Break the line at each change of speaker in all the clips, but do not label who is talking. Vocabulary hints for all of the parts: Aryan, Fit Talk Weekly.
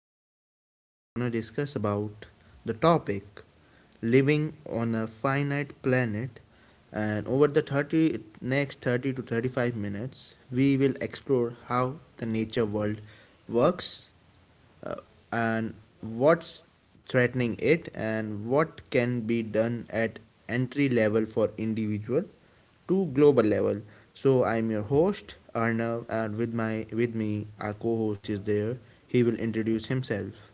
today guys, we are going to discuss about the topic, living on a finite planet, and over the 30 next 30 to 35 minutes, we will explore how the nature world works, uh, and what's threatening it and what can be done at entry level for individual to global level. So I'm your host Arnav, and with me our co-host is there. He will introduce himself.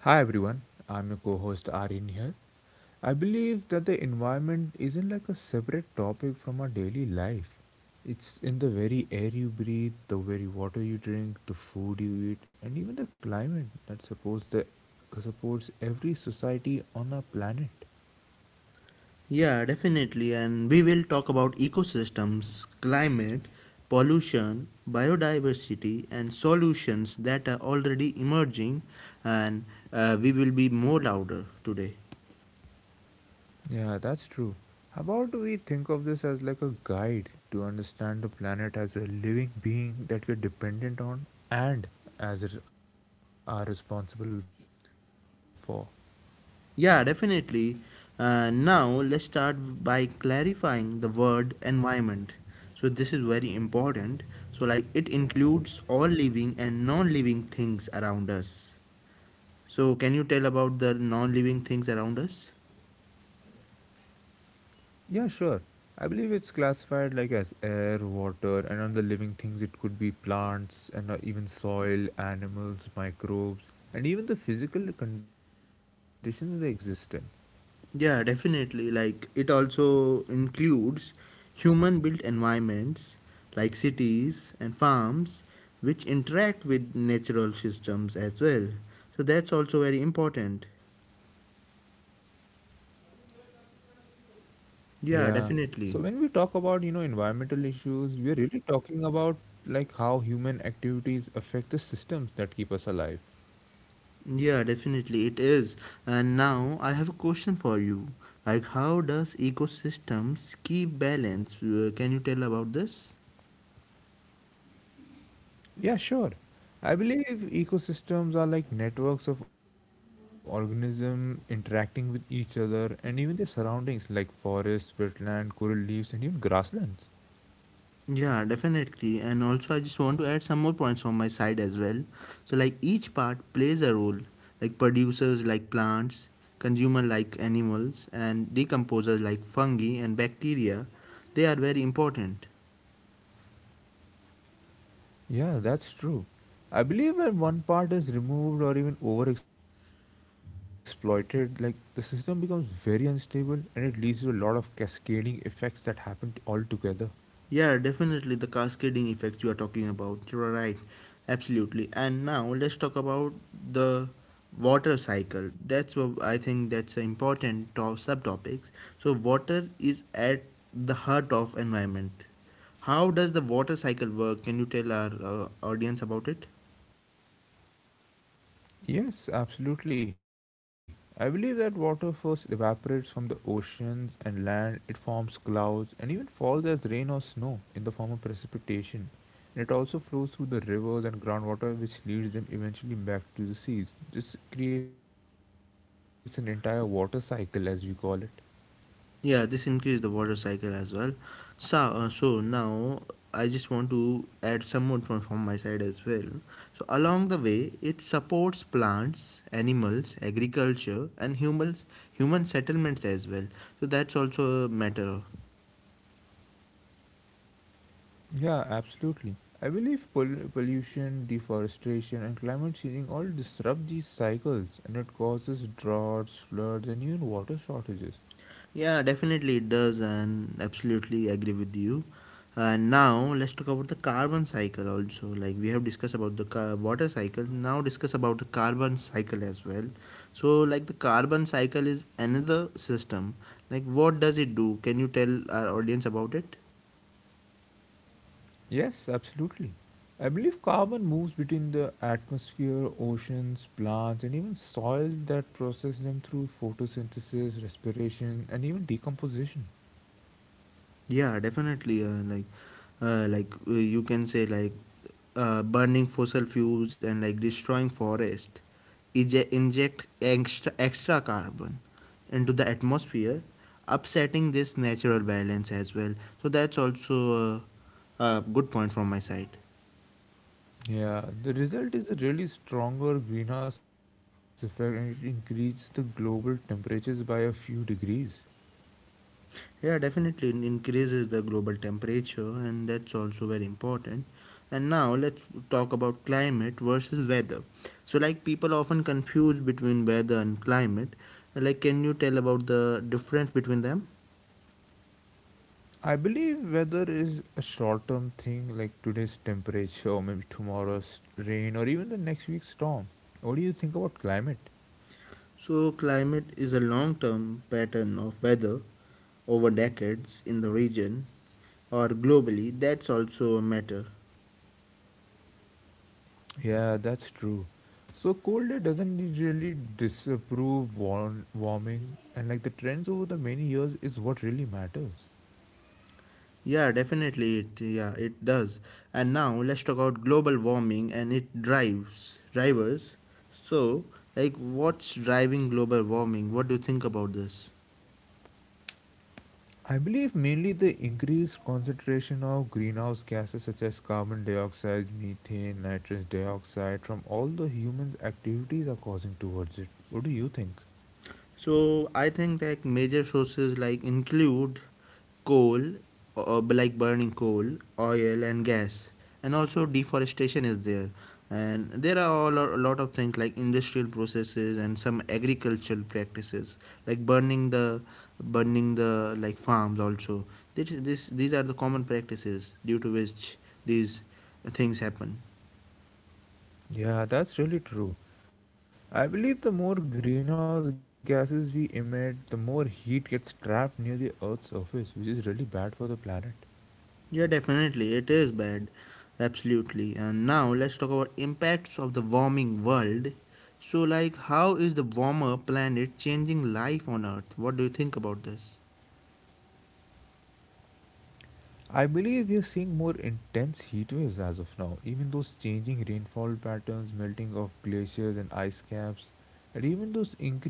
Hi everyone, I'm your co-host Aryan here. I believe that the environment isn't like a separate topic from our daily life. It's in the very air you breathe, the very water you drink, the food you eat, and even the climate that supports the supports every society on our planet.
Yeah, definitely, and we will talk about ecosystems, climate, pollution, biodiversity, and solutions that are already emerging. And we will be more louder today.
Yeah, that's true. How about we think of this as like a guide to understand the planet as a living being that we're dependent on and are responsible for?
Yeah, definitely. Now let's start by clarifying the word environment. So this is very important. So like it includes all living and non-living things around us. So can you tell about the non-living things around us?
Yeah, sure. I believe it's classified like as air, water, and on the living things it could be plants and even soil, animals, microbes, and even the physical conditions they exist in.
Yeah, definitely. Like it also includes human-built environments like cities and farms, which interact with natural systems as well. So that's also very important.
Yeah. So when we talk about,
Yeah,
you know,
definitely.
environmental issues, we're really talking about like how human activities affect the systems that keep us alive.
Yeah, definitely it is. And now I have a question for you. Like, how does ecosystems keep balance? Can you tell about this?
Yeah, sure. I believe ecosystems are like networks of organisms interacting with each other and even their surroundings like forests, wetland, coral reefs, and even grasslands.
Yeah, definitely. And also, I just want to add some more points from my side as well. So, like, each part plays a role, like producers like plants, consumer like animals, and decomposers like fungi and bacteria. They are very important.
Yeah, that's true. I believe when one part is removed or even overexploited, like the system becomes very unstable and it leads to a lot of cascading effects that happen altogether.
Yeah, definitely the cascading effects you are talking about. You're right. Absolutely. And now let's talk about the water cycle. That's what I think, that's an important top subtopics. So water is at the heart of environment. How does the water cycle work? Can you tell our audience about it?
Yes, absolutely. I believe that water first evaporates from the oceans and land, it forms clouds, and even falls as rain or snow in the form of precipitation. And it also flows through the rivers and groundwater, which leads them eventually back to the seas. This creates an entire water cycle, as we call it.
Yeah, this increase the water cycle as well. So, so now I just want to add some more from my side as well. So along the way, it supports plants, animals, agriculture, and human settlements as well. So that's also a matter.
Yeah, absolutely. I believe pollution, deforestation, and climate changing all disrupt these cycles and it causes droughts, floods, and even water shortages.
Yeah, definitely it does, and absolutely agree with you. And now let's talk about the carbon cycle also. Like we have discussed about the water cycle, now discuss about the carbon cycle as well. So, like the carbon cycle is another system. Like, what does it do? Can you tell our audience about it?
Yes, absolutely. I believe carbon moves between the atmosphere, oceans, plants, and even soil that process them through photosynthesis, respiration, and even decomposition.
Yeah, definitely. You can say like burning fossil fuels and like destroying forest, inject extra carbon into the atmosphere, upsetting this natural balance as well. So that's also a good point from my side.
Yeah, the result is a really stronger greenhouse effect and it increases the global temperatures by a few degrees.
Yeah, definitely it increases the global temperature, and that's also very important. And now let's talk about climate versus weather. So, like, people often confuse between weather and climate. Like, can you tell about the difference between them?
I believe weather is a short term thing like today's temperature, or maybe tomorrow's rain, or even the next week's storm. What do you think about climate?
So, climate is a long term pattern of weather over decades in the region or globally. That's also a matter.
Yeah, that's true. So cold air doesn't really disapprove warming, and like the trends over the many years is what really matters.
Yeah, it does. And now let's talk about global warming and it drives drivers. So, like what's driving global warming? What do you think about this?
I believe mainly the increased concentration of greenhouse gases such as carbon dioxide, methane, nitrous dioxide from all the humans' activities are causing towards it. What do you think?
So I think like major sources like include coal, like burning coal, oil and gas, and also deforestation is there. And there are all a lot of things like industrial processes and some agricultural practices, like burning the like farms also. This these are the common practices due to which these things happen.
Yeah, that's really true. I believe the more greenhouse gases we emit, the more heat gets trapped near the Earth's surface, which is really bad for the planet.
Yeah, definitely. It is bad. Absolutely. And now let's talk about impacts of the warming world. So like how is the warmer planet changing life on earth? What do you think about this?
I believe we are seeing more intense heat waves as of now. Even those changing rainfall patterns, melting of glaciers and ice caps, and even those increase in sea levels.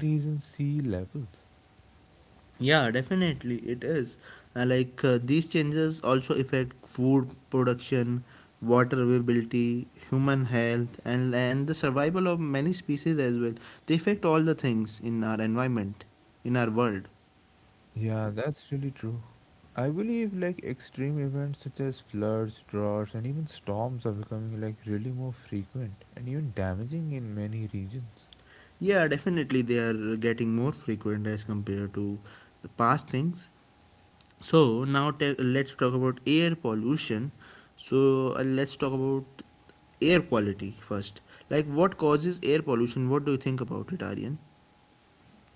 Yeah, definitely it is. These changes also affect food production, water availability, human health, and the survival of many species as well. They affect all the things in our environment, in our world.
Yeah, that's really true. I believe like extreme events such as floods, droughts, and even storms are becoming like really more frequent and even damaging in many regions.
Yeah, definitely they are getting more frequent as compared to the past things. So now let's talk about air pollution. So let's talk about air quality first. Like what causes air pollution? What do you think about it, Aryan?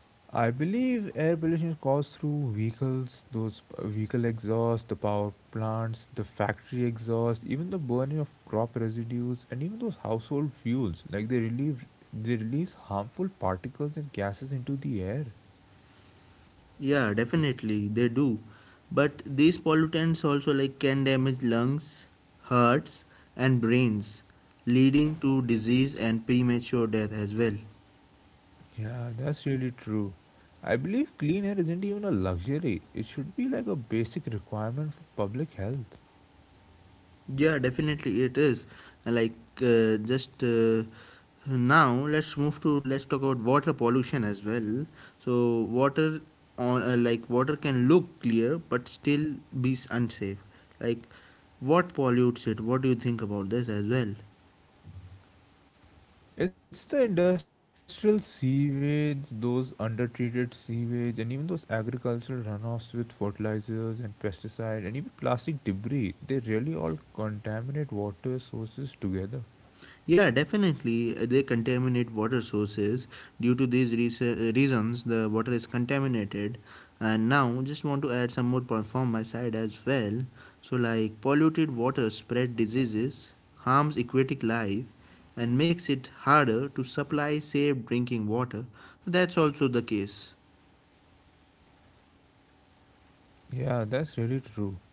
I believe air pollution is caused through vehicles, vehicle exhaust, the power plants, the factory exhaust, even the burning of crop residues, and even those household fuels. Like they release harmful particles and gases into the air.
Yeah, definitely they do. But these pollutants also like can damage lungs, hearts and brains, leading to disease and premature death as well.
Yeah, that's really true. I believe clean air isn't even a luxury. It should be like a basic requirement for public health.
Yeah, definitely it is. Like just Now, let's move to let's talk about water pollution as well. So water on like water can look clear but still be unsafe. Like what pollutes it? What do you think about this as well?
It's the industrial sewage, those undertreated sewage, and even those agricultural runoffs with fertilizers and pesticide, and even plastic debris. They really all contaminate water sources together.
Yeah, definitely. They contaminate water sources. Due to these reasons, the water is contaminated. And now, just want to add some more point from my side as well. So, like polluted water spread diseases, harms aquatic life, and makes it harder to supply safe drinking water. That's also the case.
Yeah, that's really true.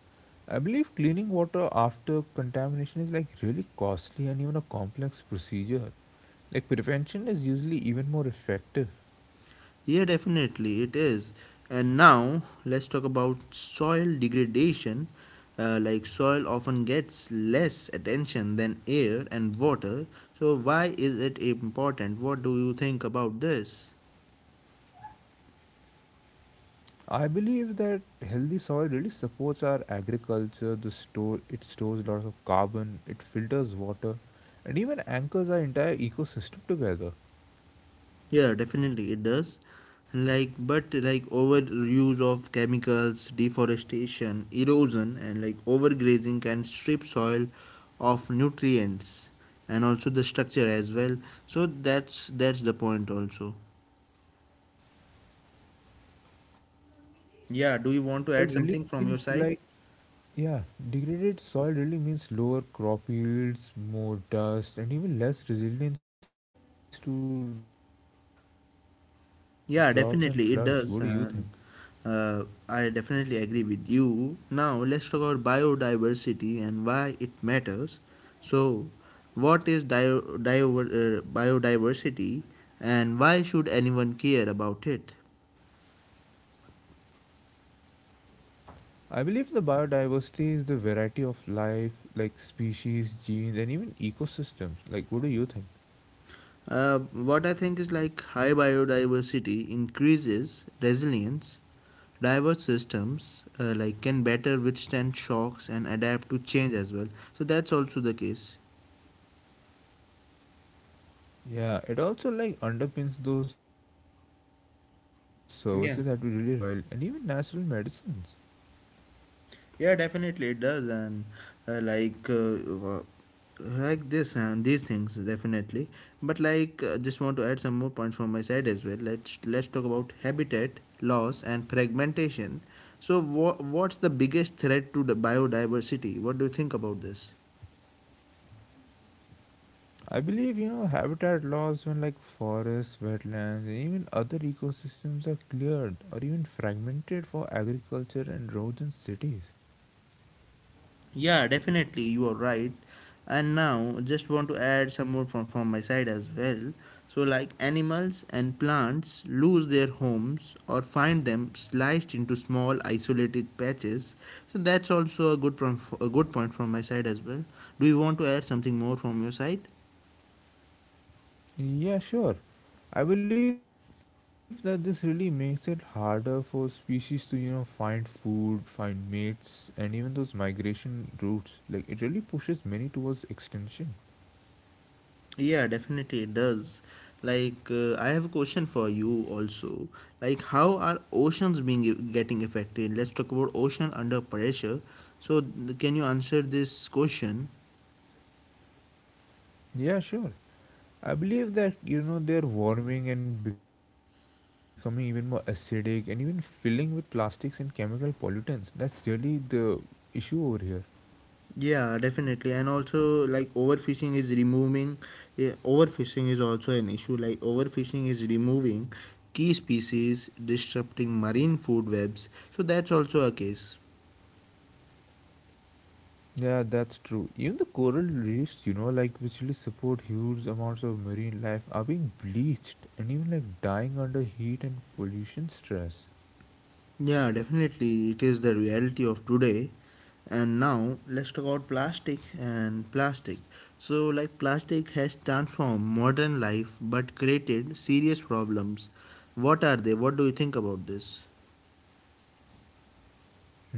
I believe cleaning water after contamination is like really costly and even a complex procedure. Like prevention is usually even more effective.
Yeah, definitely it is. And now let's talk about soil degradation. Like soil often gets less attention than air and water. So why is it important? What do you think about this?
I believe that healthy soil really supports our agriculture. The store It stores a lot of carbon, it filters water, and even anchors our entire ecosystem together.
Yeah, definitely it does. But like overuse of chemicals, deforestation, erosion and like overgrazing can strip soil of nutrients and also the structure as well. So that's the point also.
Yeah, that's really true. The
Yeah,
degraded
do you want
soil
to add
really
something
means
from your
like
side?
yeah, Degraded soil really means lower crop yields, more dust, and even less resilience to droughts and floods. What do you think?
Yeah, definitely it does, and uh, I definitely agree with you. Now let's talk about biodiversity and why it matters. So, what is biodiversity, and why should anyone care about it?
I believe the biodiversity is the variety of life, like species, genes, and even ecosystems. Like, what do you think?
What I think is like high biodiversity increases resilience. Diverse systems like can better withstand shocks and adapt to change as well. So that's also the case.
Yeah, it also like underpins those services that we really rely on, such as you know
Yeah,
pollination, clean water, fertile soil, and even natural
yeah,
medicines.
definitely it does, and uh, like uh, wha- this and these things definitely. But like, just want to add some more points from my side as well. Let's talk about habitat loss and fragmentation. So, what's the biggest threat to the biodiversity? What do you think about this?
I believe you know habitat loss when like forests, wetlands, and even other ecosystems are cleared or even fragmented for agriculture and roads and cities.
Yeah, definitely, you are right. And now, just want to add some more from my side as well. So, like animals and plants lose their homes or find them sliced into small isolated patches. So that's also a good from a good point from my side as well. Do you want to add something more from your side?
Yeah, sure. I believe that this really makes it harder for species to, you know, find food, find mates, and even those migration routes. Like, it really pushes many towards extinction.
Yeah, definitely it does. Like, I have a question for you also. Like, how are oceans getting affected? Let's talk about ocean under pressure. So, can you answer this question?
Yeah, sure. I believe that, you know, they're warming and becoming even more acidic and even filling with plastics and chemical pollutants. That's really the issue over here.
Yeah, definitely. And also, like, overfishing is also an issue. Like, overfishing is removing key species, disrupting marine food webs. So, that's also a case.
Yeah, that's true. Even the coral reefs, you know, like which really support huge amounts of marine life, are being bleached and even like dying under heat and pollution stress.
Yeah, definitely. It is the reality of today. And now let's talk about plastic. So, like, plastic has transformed modern life but created serious problems. What are they? What do you think about this?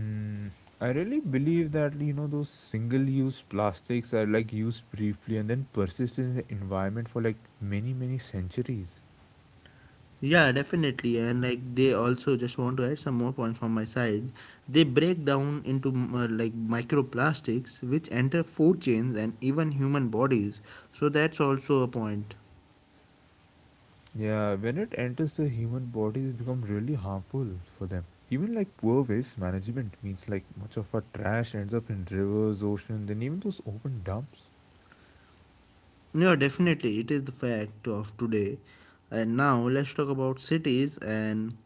Hmm. I really believe that you know those single-use plastics are like used briefly and then persist in the environment for like many centuries.
Yeah, definitely. And like they also just want to add some more points from my side. They break down into like microplastics which enter food chains and even human bodies. So that's also a point.
Yeah, when it enters the human body, it becomes really harmful for them. Even like poor waste management means like much of our trash ends up in rivers, oceans, and even those open dumps.
No, definitely, it is the fact of today. And now let's talk about cities and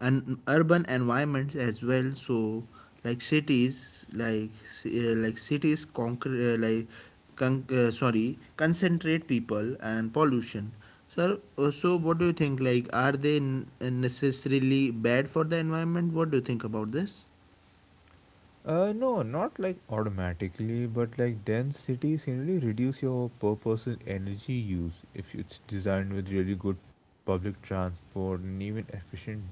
urban environments as well. So, like cities, concentrate people and pollution. Sir. So what do you think? Like, are they necessarily bad for the environment? What do you think about this?
No, not like automatically, but like dense cities generally reduce your per person energy use if it's designed with really good public transport and even efficient buildings.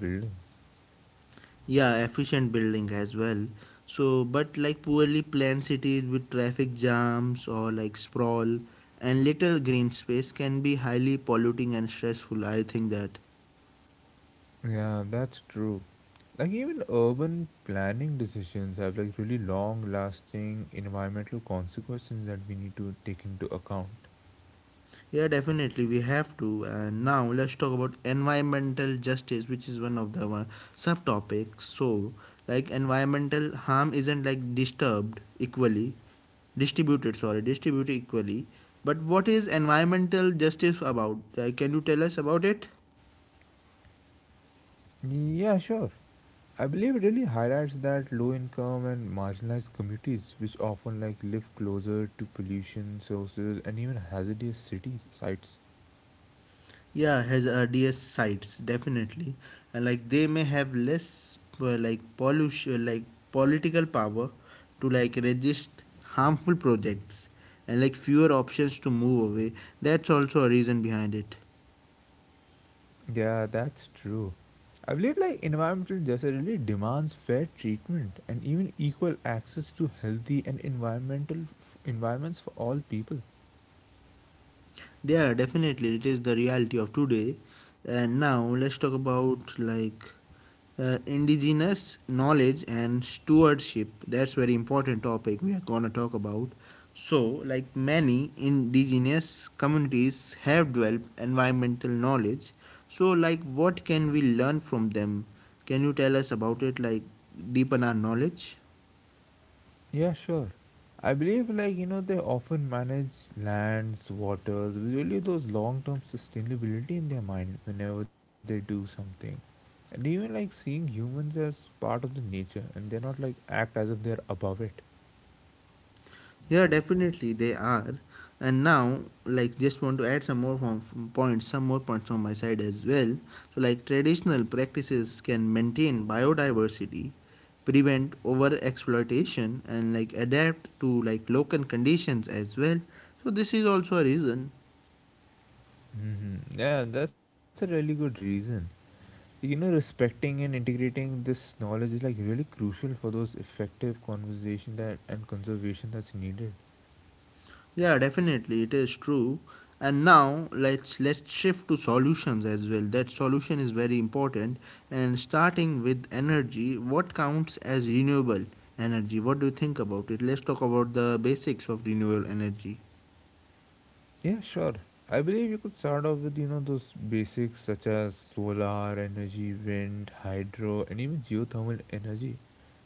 Yeah, efficient building as well. So, but like poorly planned cities with traffic jams or like sprawl and little green space can be highly polluting and stressful. I think that.
Yeah, that's true. Like even urban planning decisions have like really long lasting environmental consequences that we need to take into account.
Yeah, definitely we have to. And now let's talk about environmental justice, which is one of the one subtopics. So, like environmental harm isn't like distributed. Sorry, distributed equally. But what is environmental justice about? Like, can you tell us about it?
Yeah, sure. I believe it really highlights that low income and marginalized communities which often like live closer to pollution sources and even hazardous cities sites.
Yeah, has rds sites, definitely. And like they may have less like political power to like resist harmful projects, and like fewer options to move away. That's also a reason behind it.
Yeah, that's true. I believe like environmental justice really demands fair treatment and even equal access to healthy and environments for all people.
Yeah, definitely, it is the reality of today. And now let's talk about like indigenous knowledge and stewardship. That's very important topic we are gonna talk about. So, like many indigenous communities have developed environmental knowledge. So, like what can we learn from them? Can you tell us about it? Like deepen our knowledge.
Yeah, sure. I believe like you know they often manage lands, waters, with really those long-term sustainability in their mind whenever they do something. And even like seeing humans as part of the nature and they're not like act as if they're above it.
Yeah, definitely they are. And now, like, just want to add some more some more points on my side as well. So, like, traditional practices can maintain biodiversity, prevent over exploitation, and like adapt to like local conditions as well. So, this is also a reason.
Mm-hmm. Yeah, that's a really good reason. You know, respecting and integrating this knowledge is like really crucial for those effective conversation that and conservation that's needed.
Yeah, definitely, it is true. And now let's shift to solutions as well. That solution is very important. And starting with energy, what counts as renewable energy? What do you think about it? Let's talk about the basics of renewable energy.
Yeah, sure. I believe you could start off with you know those basics such as solar energy, wind, hydro, and even geothermal energy.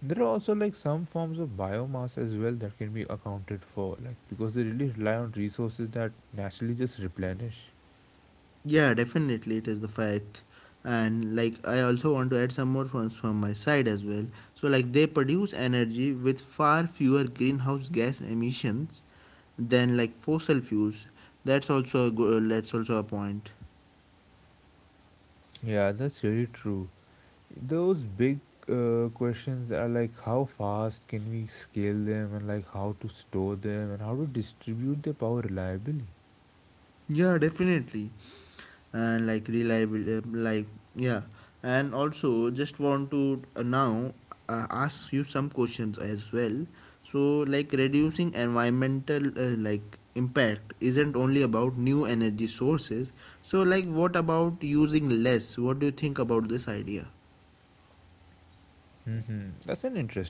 There are also like some forms of biomass as well that can be accounted for, like because they really rely on resources that naturally just replenish.
Yeah, definitely it is the fact. And like I also want to add some more points from my side as well. So like they produce energy with far fewer greenhouse gas emissions than like fossil fuels. That's also a that's also a point.
Yeah, that's really true. Those big questions are like how fast can we scale them and like how to store them and how to distribute the power reliably.
Yeah, definitely. And like reliable, yeah. And also, just want to now ask you some questions as well. So, like reducing environmental like impact isn't only about new energy sources. So, like what about using less? What do you think about this idea?
Hmm. That's an interesting idea.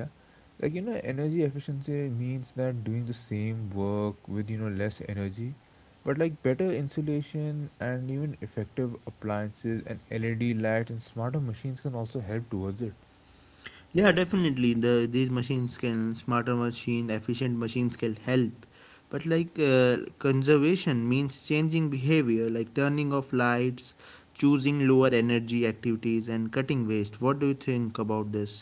Like you know, energy efficiency means that doing the same work with you know less energy, but like better insulation and even effective appliances and LED lights and smarter machines can also help towards it.
Yeah, definitely. These machines can smarter machine, efficient machines can help. But like conservation means changing behavior, like turning off lights, choosing lower energy activities, and cutting waste. What do you think about this?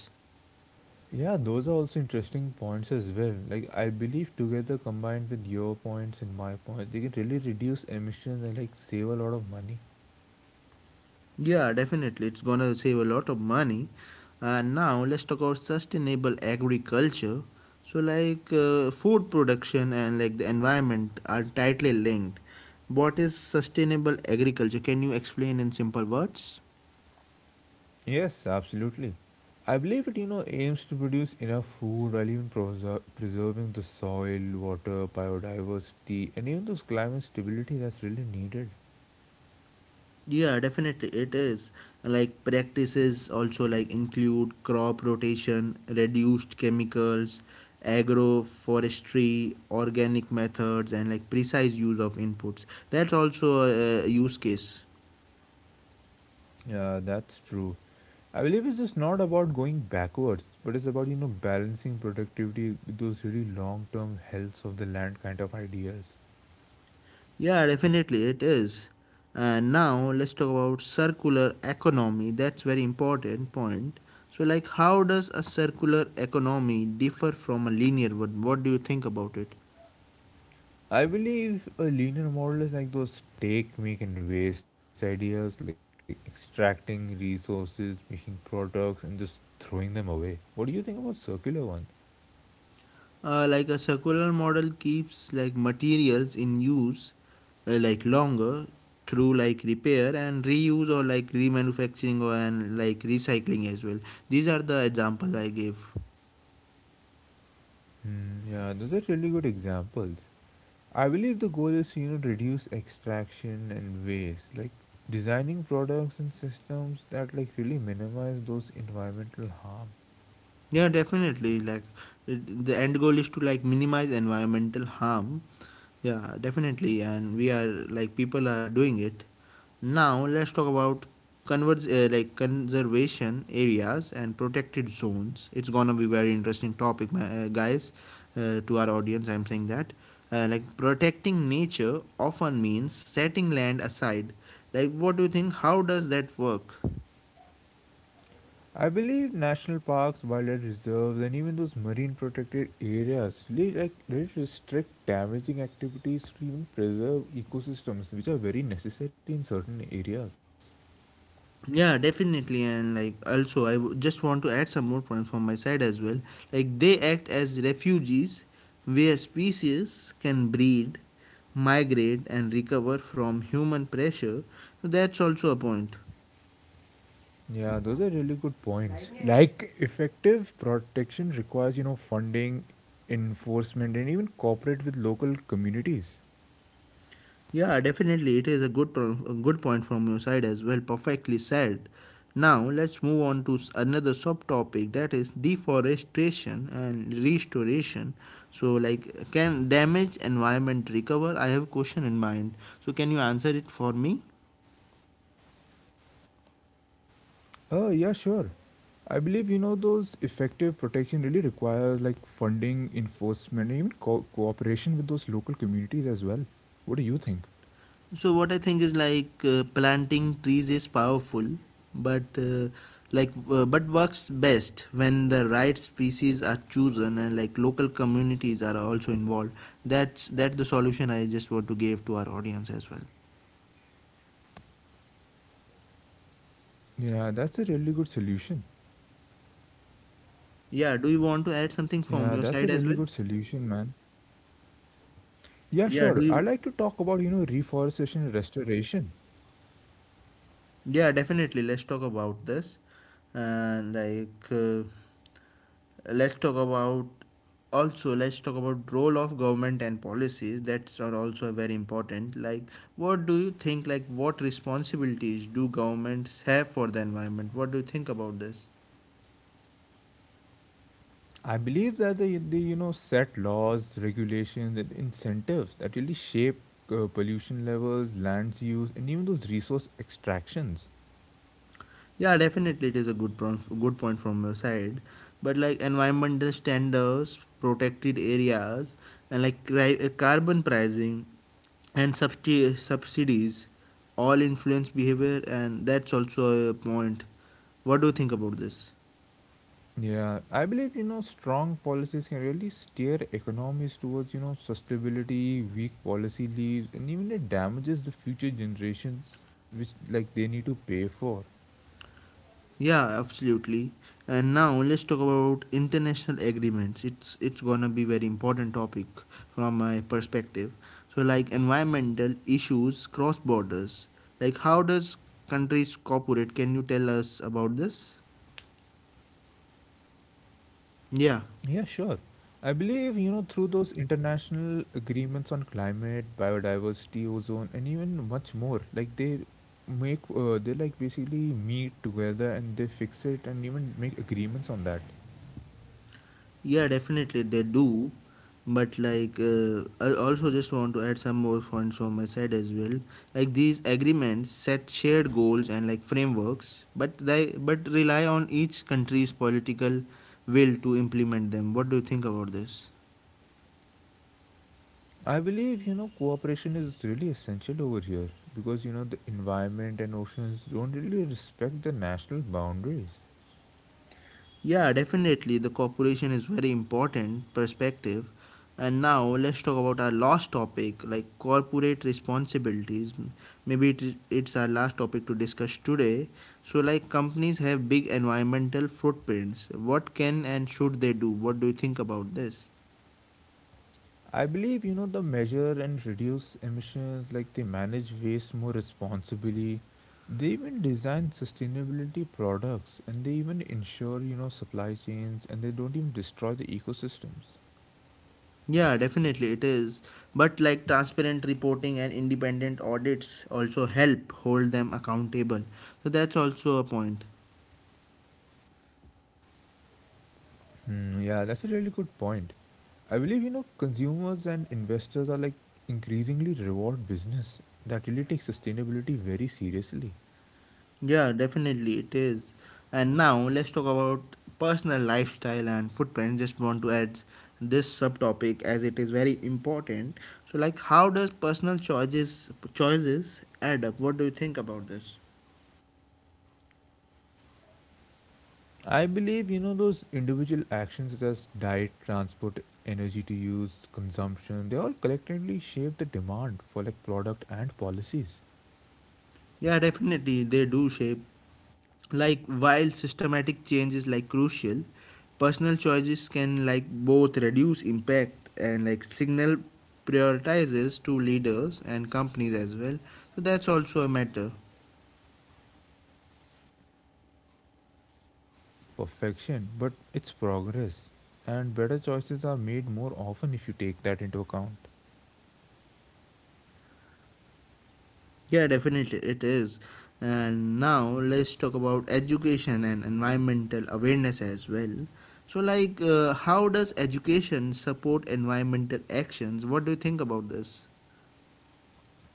Yeah, those are also interesting points as well. Like I believe together combined with your points and my points, they can really reduce emissions and like save a lot of money.
Yeah, definitely. It's gonna save a lot of money. And now let's talk about sustainable agriculture. So, like food production and like the environment are tightly linked. What is sustainable agriculture? Can you explain in simple words?
Yes, absolutely. I believe it, you know, aims to produce enough food while even preserving the soil, water, biodiversity, and even those climate stability that's really needed.
Yeah, definitely it is. Like practices also like include crop rotation, reduced chemicals, agroforestry, organic methods and like precise use of inputs. That's also a use case.
Yeah, that's true. I believe it's just not about going backwards, but it's about you know balancing productivity with those really long-term health of the land kind of ideas.
Yeah, definitely it is. And now let's talk about circular economy. That's very important point. So like how does a circular economy differ from a linear one? What do you think about it?
I believe a linear model is like those take, make, and waste ideas, like extracting resources, making products, and just throwing them away. What do you think about circular one?
Like a circular model keeps like materials in use like longer through like repair and reuse or like remanufacturing or and like recycling as well. These are the examples I gave.
Hmm, yeah, those are really good examples. I believe the goal is to, you know reduce extraction and waste, like designing products and systems that like really minimize those environmental harm.
Yeah, definitely. Like it, the end goal is to like minimize environmental harm. Yeah, definitely. And we are like people are doing it. Now let's talk about converge like conservation areas and protected zones. It's gonna be very interesting topic, my, guys. To our audience, I'm saying that like protecting nature often means setting land aside. Like, what do you think? How does that work?
I believe national parks, wildlife reserves, and even those marine protected areas really restrict damaging activities to even preserve ecosystems, which are very necessary in certain areas.
Yeah, definitely, and like also, just want to add some more points from my side as well. Like they act as refuges where species can breed, migrate, and recover from human pressure. So, that's also a point.
Yeah, those are really good points. Like effective protection requires, you know, funding, enforcement, and even cooperate with local communities.
Yeah, definitely. It is a a good point from your side as well. Perfectly said. Now let's move on to another subtopic that is deforestation and restoration. So, like, can damaged environment recover? I have a question in mind. So, can you answer it for me?
Yeah, sure. I believe you know those effective protection really requires like funding, enforcement, and even cooperation with those local communities as well. What do you think?
So what I think is like planting trees is powerful, but but works best when the right species are chosen and like local communities are also involved. That's the solution I just want to give to our audience as well.
Yeah, that's a really good solution.
Yeah, do you want to add something from
Yeah,
your
that's a
side as
really
well?
good solution, man. Yeah,
Yeah, do
sure. I'd
you?
like to talk about you know reforestation and restoration.
Yeah, definitely. Let's talk about this. And like, let's talk about also let's talk about role of government and policies that are also very important. Like what do you think, like what responsibilities do governments have for the environment? What do you think about this?
I believe that they you know set laws, regulations, and incentives that really shape pollution levels, lands use, and even those resource extractions.
Yeah, definitely it is a good point from your side. But like environmental standards, protected areas, and like carbon pricing and subsidies all influence behavior, and that's also a point. What do you think about this?
Yeah, I believe you know strong policies can really steer economies towards you know sustainability. Weak policy leaves, and even it damages the future generations, which like they need to pay for.
Yeah, absolutely. And now let's talk about international agreements. It's gonna be very important topic from my perspective. So like environmental issues cross borders. Like how does countries cooperate? Can you tell us about this?
Yeah, sure.
Yeah.
I believe, you know, through those international agreements on climate, biodiversity, ozone, and even much more, like they they like basically meet together and they fix it and even make agreements on that.
Yeah, definitely they do. But like, I also just want to add some more points from my side as well. Like these agreements set shared goals and like frameworks, but rely on each country's political will to implement them. What do you think about this?
I believe, you know, cooperation is really essential over here because, you know, the environment and oceans don't really respect the national boundaries.
Yeah, definitely. The cooperation is very important perspective. And now let's talk about our last topic, like corporate responsibilities. Maybe it's our last topic to discuss today. So, like companies have big environmental footprints. What can and should they do? What do you think about this?
I believe you know the measure and reduce emissions, like they manage waste more responsibly. They even design sustainability products and they even ensure you know supply chains and they don't even destroy the ecosystems.
Yeah, definitely it is. But like transparent reporting and independent audits also help hold them accountable. So that's also a point.
Hmm, yeah, that's a really good point. I believe you know consumers and investors are like increasingly reward business that really take sustainability very seriously.
Yeah, definitely it is. And now let's talk about personal lifestyle and footprints. Just want to add this subtopic as it is very important. So, like, how does personal choices add up? What do you think about this?
I believe you know those individual actions such as diet, transport, energy to use, consumption, they all collectively shape the demand for like product and policies.
Yeah, definitely they do shape. Like, while systematic change is like crucial, personal choices can like both reduce impact and like signal prioritizes to leaders and companies as well. So that's also a matter.
Yeah, that's really true. I believe the aim over here isn't you know perfection, but it's progress. And better choices are made more often if you take that into account.
Yeah, definitely it is. And now let's talk about education and environmental awareness as well. So, like, how does education support environmental actions? What do you think about this?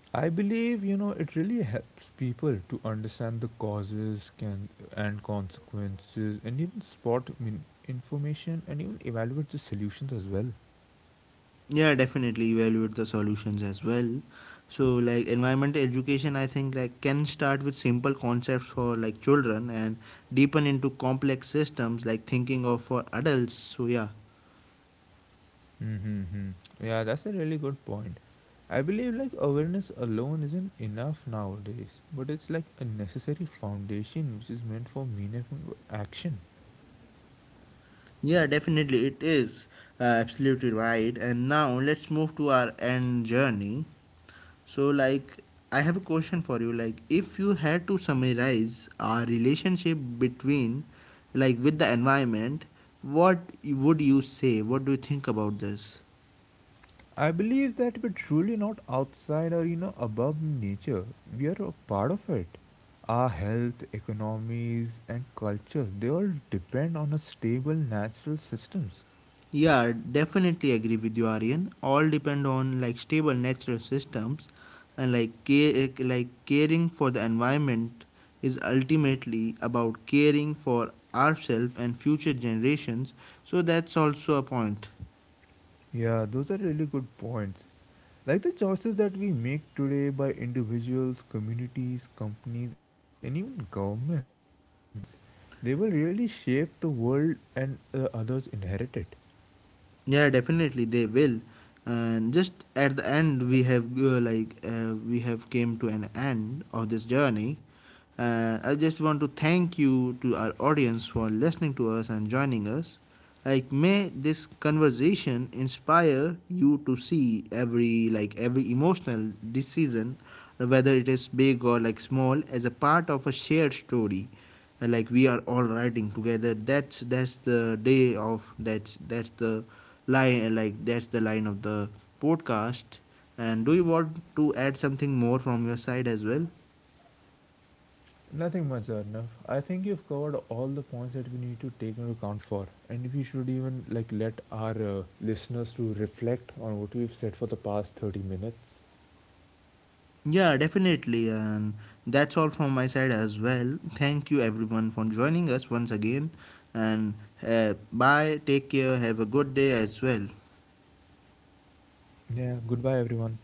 I believe you know it really helps people to understand the causes can and consequences and even spot information and even evaluate the solutions as well.
Yeah, definitely evaluate the solutions as well. So, like, environmental education, I think, like, can start with simple concepts for like children and deepen into complex systems, like thinking of for adults. So, yeah.
Mm-hmm. Yeah, that's a really good point. I believe like awareness alone isn't enough nowadays, but it's like a necessary foundation which is meant for meaningful action.
Yeah, definitely, it is absolutely right. And now let's move to our end journey. So, like, I have a question for you. Like, if you had to summarize our relationship between, like, with the environment, would you say? What do you think about this?
I believe that we're truly not outside or you know above nature. We are a part of it. Our health, economies, and culture they all depend on a stable natural systems.
Yeah, definitely agree with you, Aryan. All depend on like stable natural systems, and like care, like caring for the environment is ultimately about caring for ourselves and future generations. So that's also a point.
Yeah, those are really good points. Like the choices that we make today by individuals, communities, companies, and even governments, they will really shape the world and the others inherit it.
Yeah, definitely they will. And just at the end, we have we have came to an end of this journey. I just want to thank you to our audience for listening to us and joining us. Like may this conversation inspire you to see every like every emotional decision, whether it is big or like small, as a part of a shared story like we are all riding together. That's the line, like that's the line of the podcast. And do you want to add something more from your side as well?
Nothing much, Arnav. I think you've covered all the points that we need to take into account for, and we should even like let our listeners to reflect on what we've said for the past 30 minutes.
Yeah, definitely. And that's all from my side as well. Thank you everyone for joining us once again. And bye, take care, have a good day as well.
Yeah, goodbye everyone.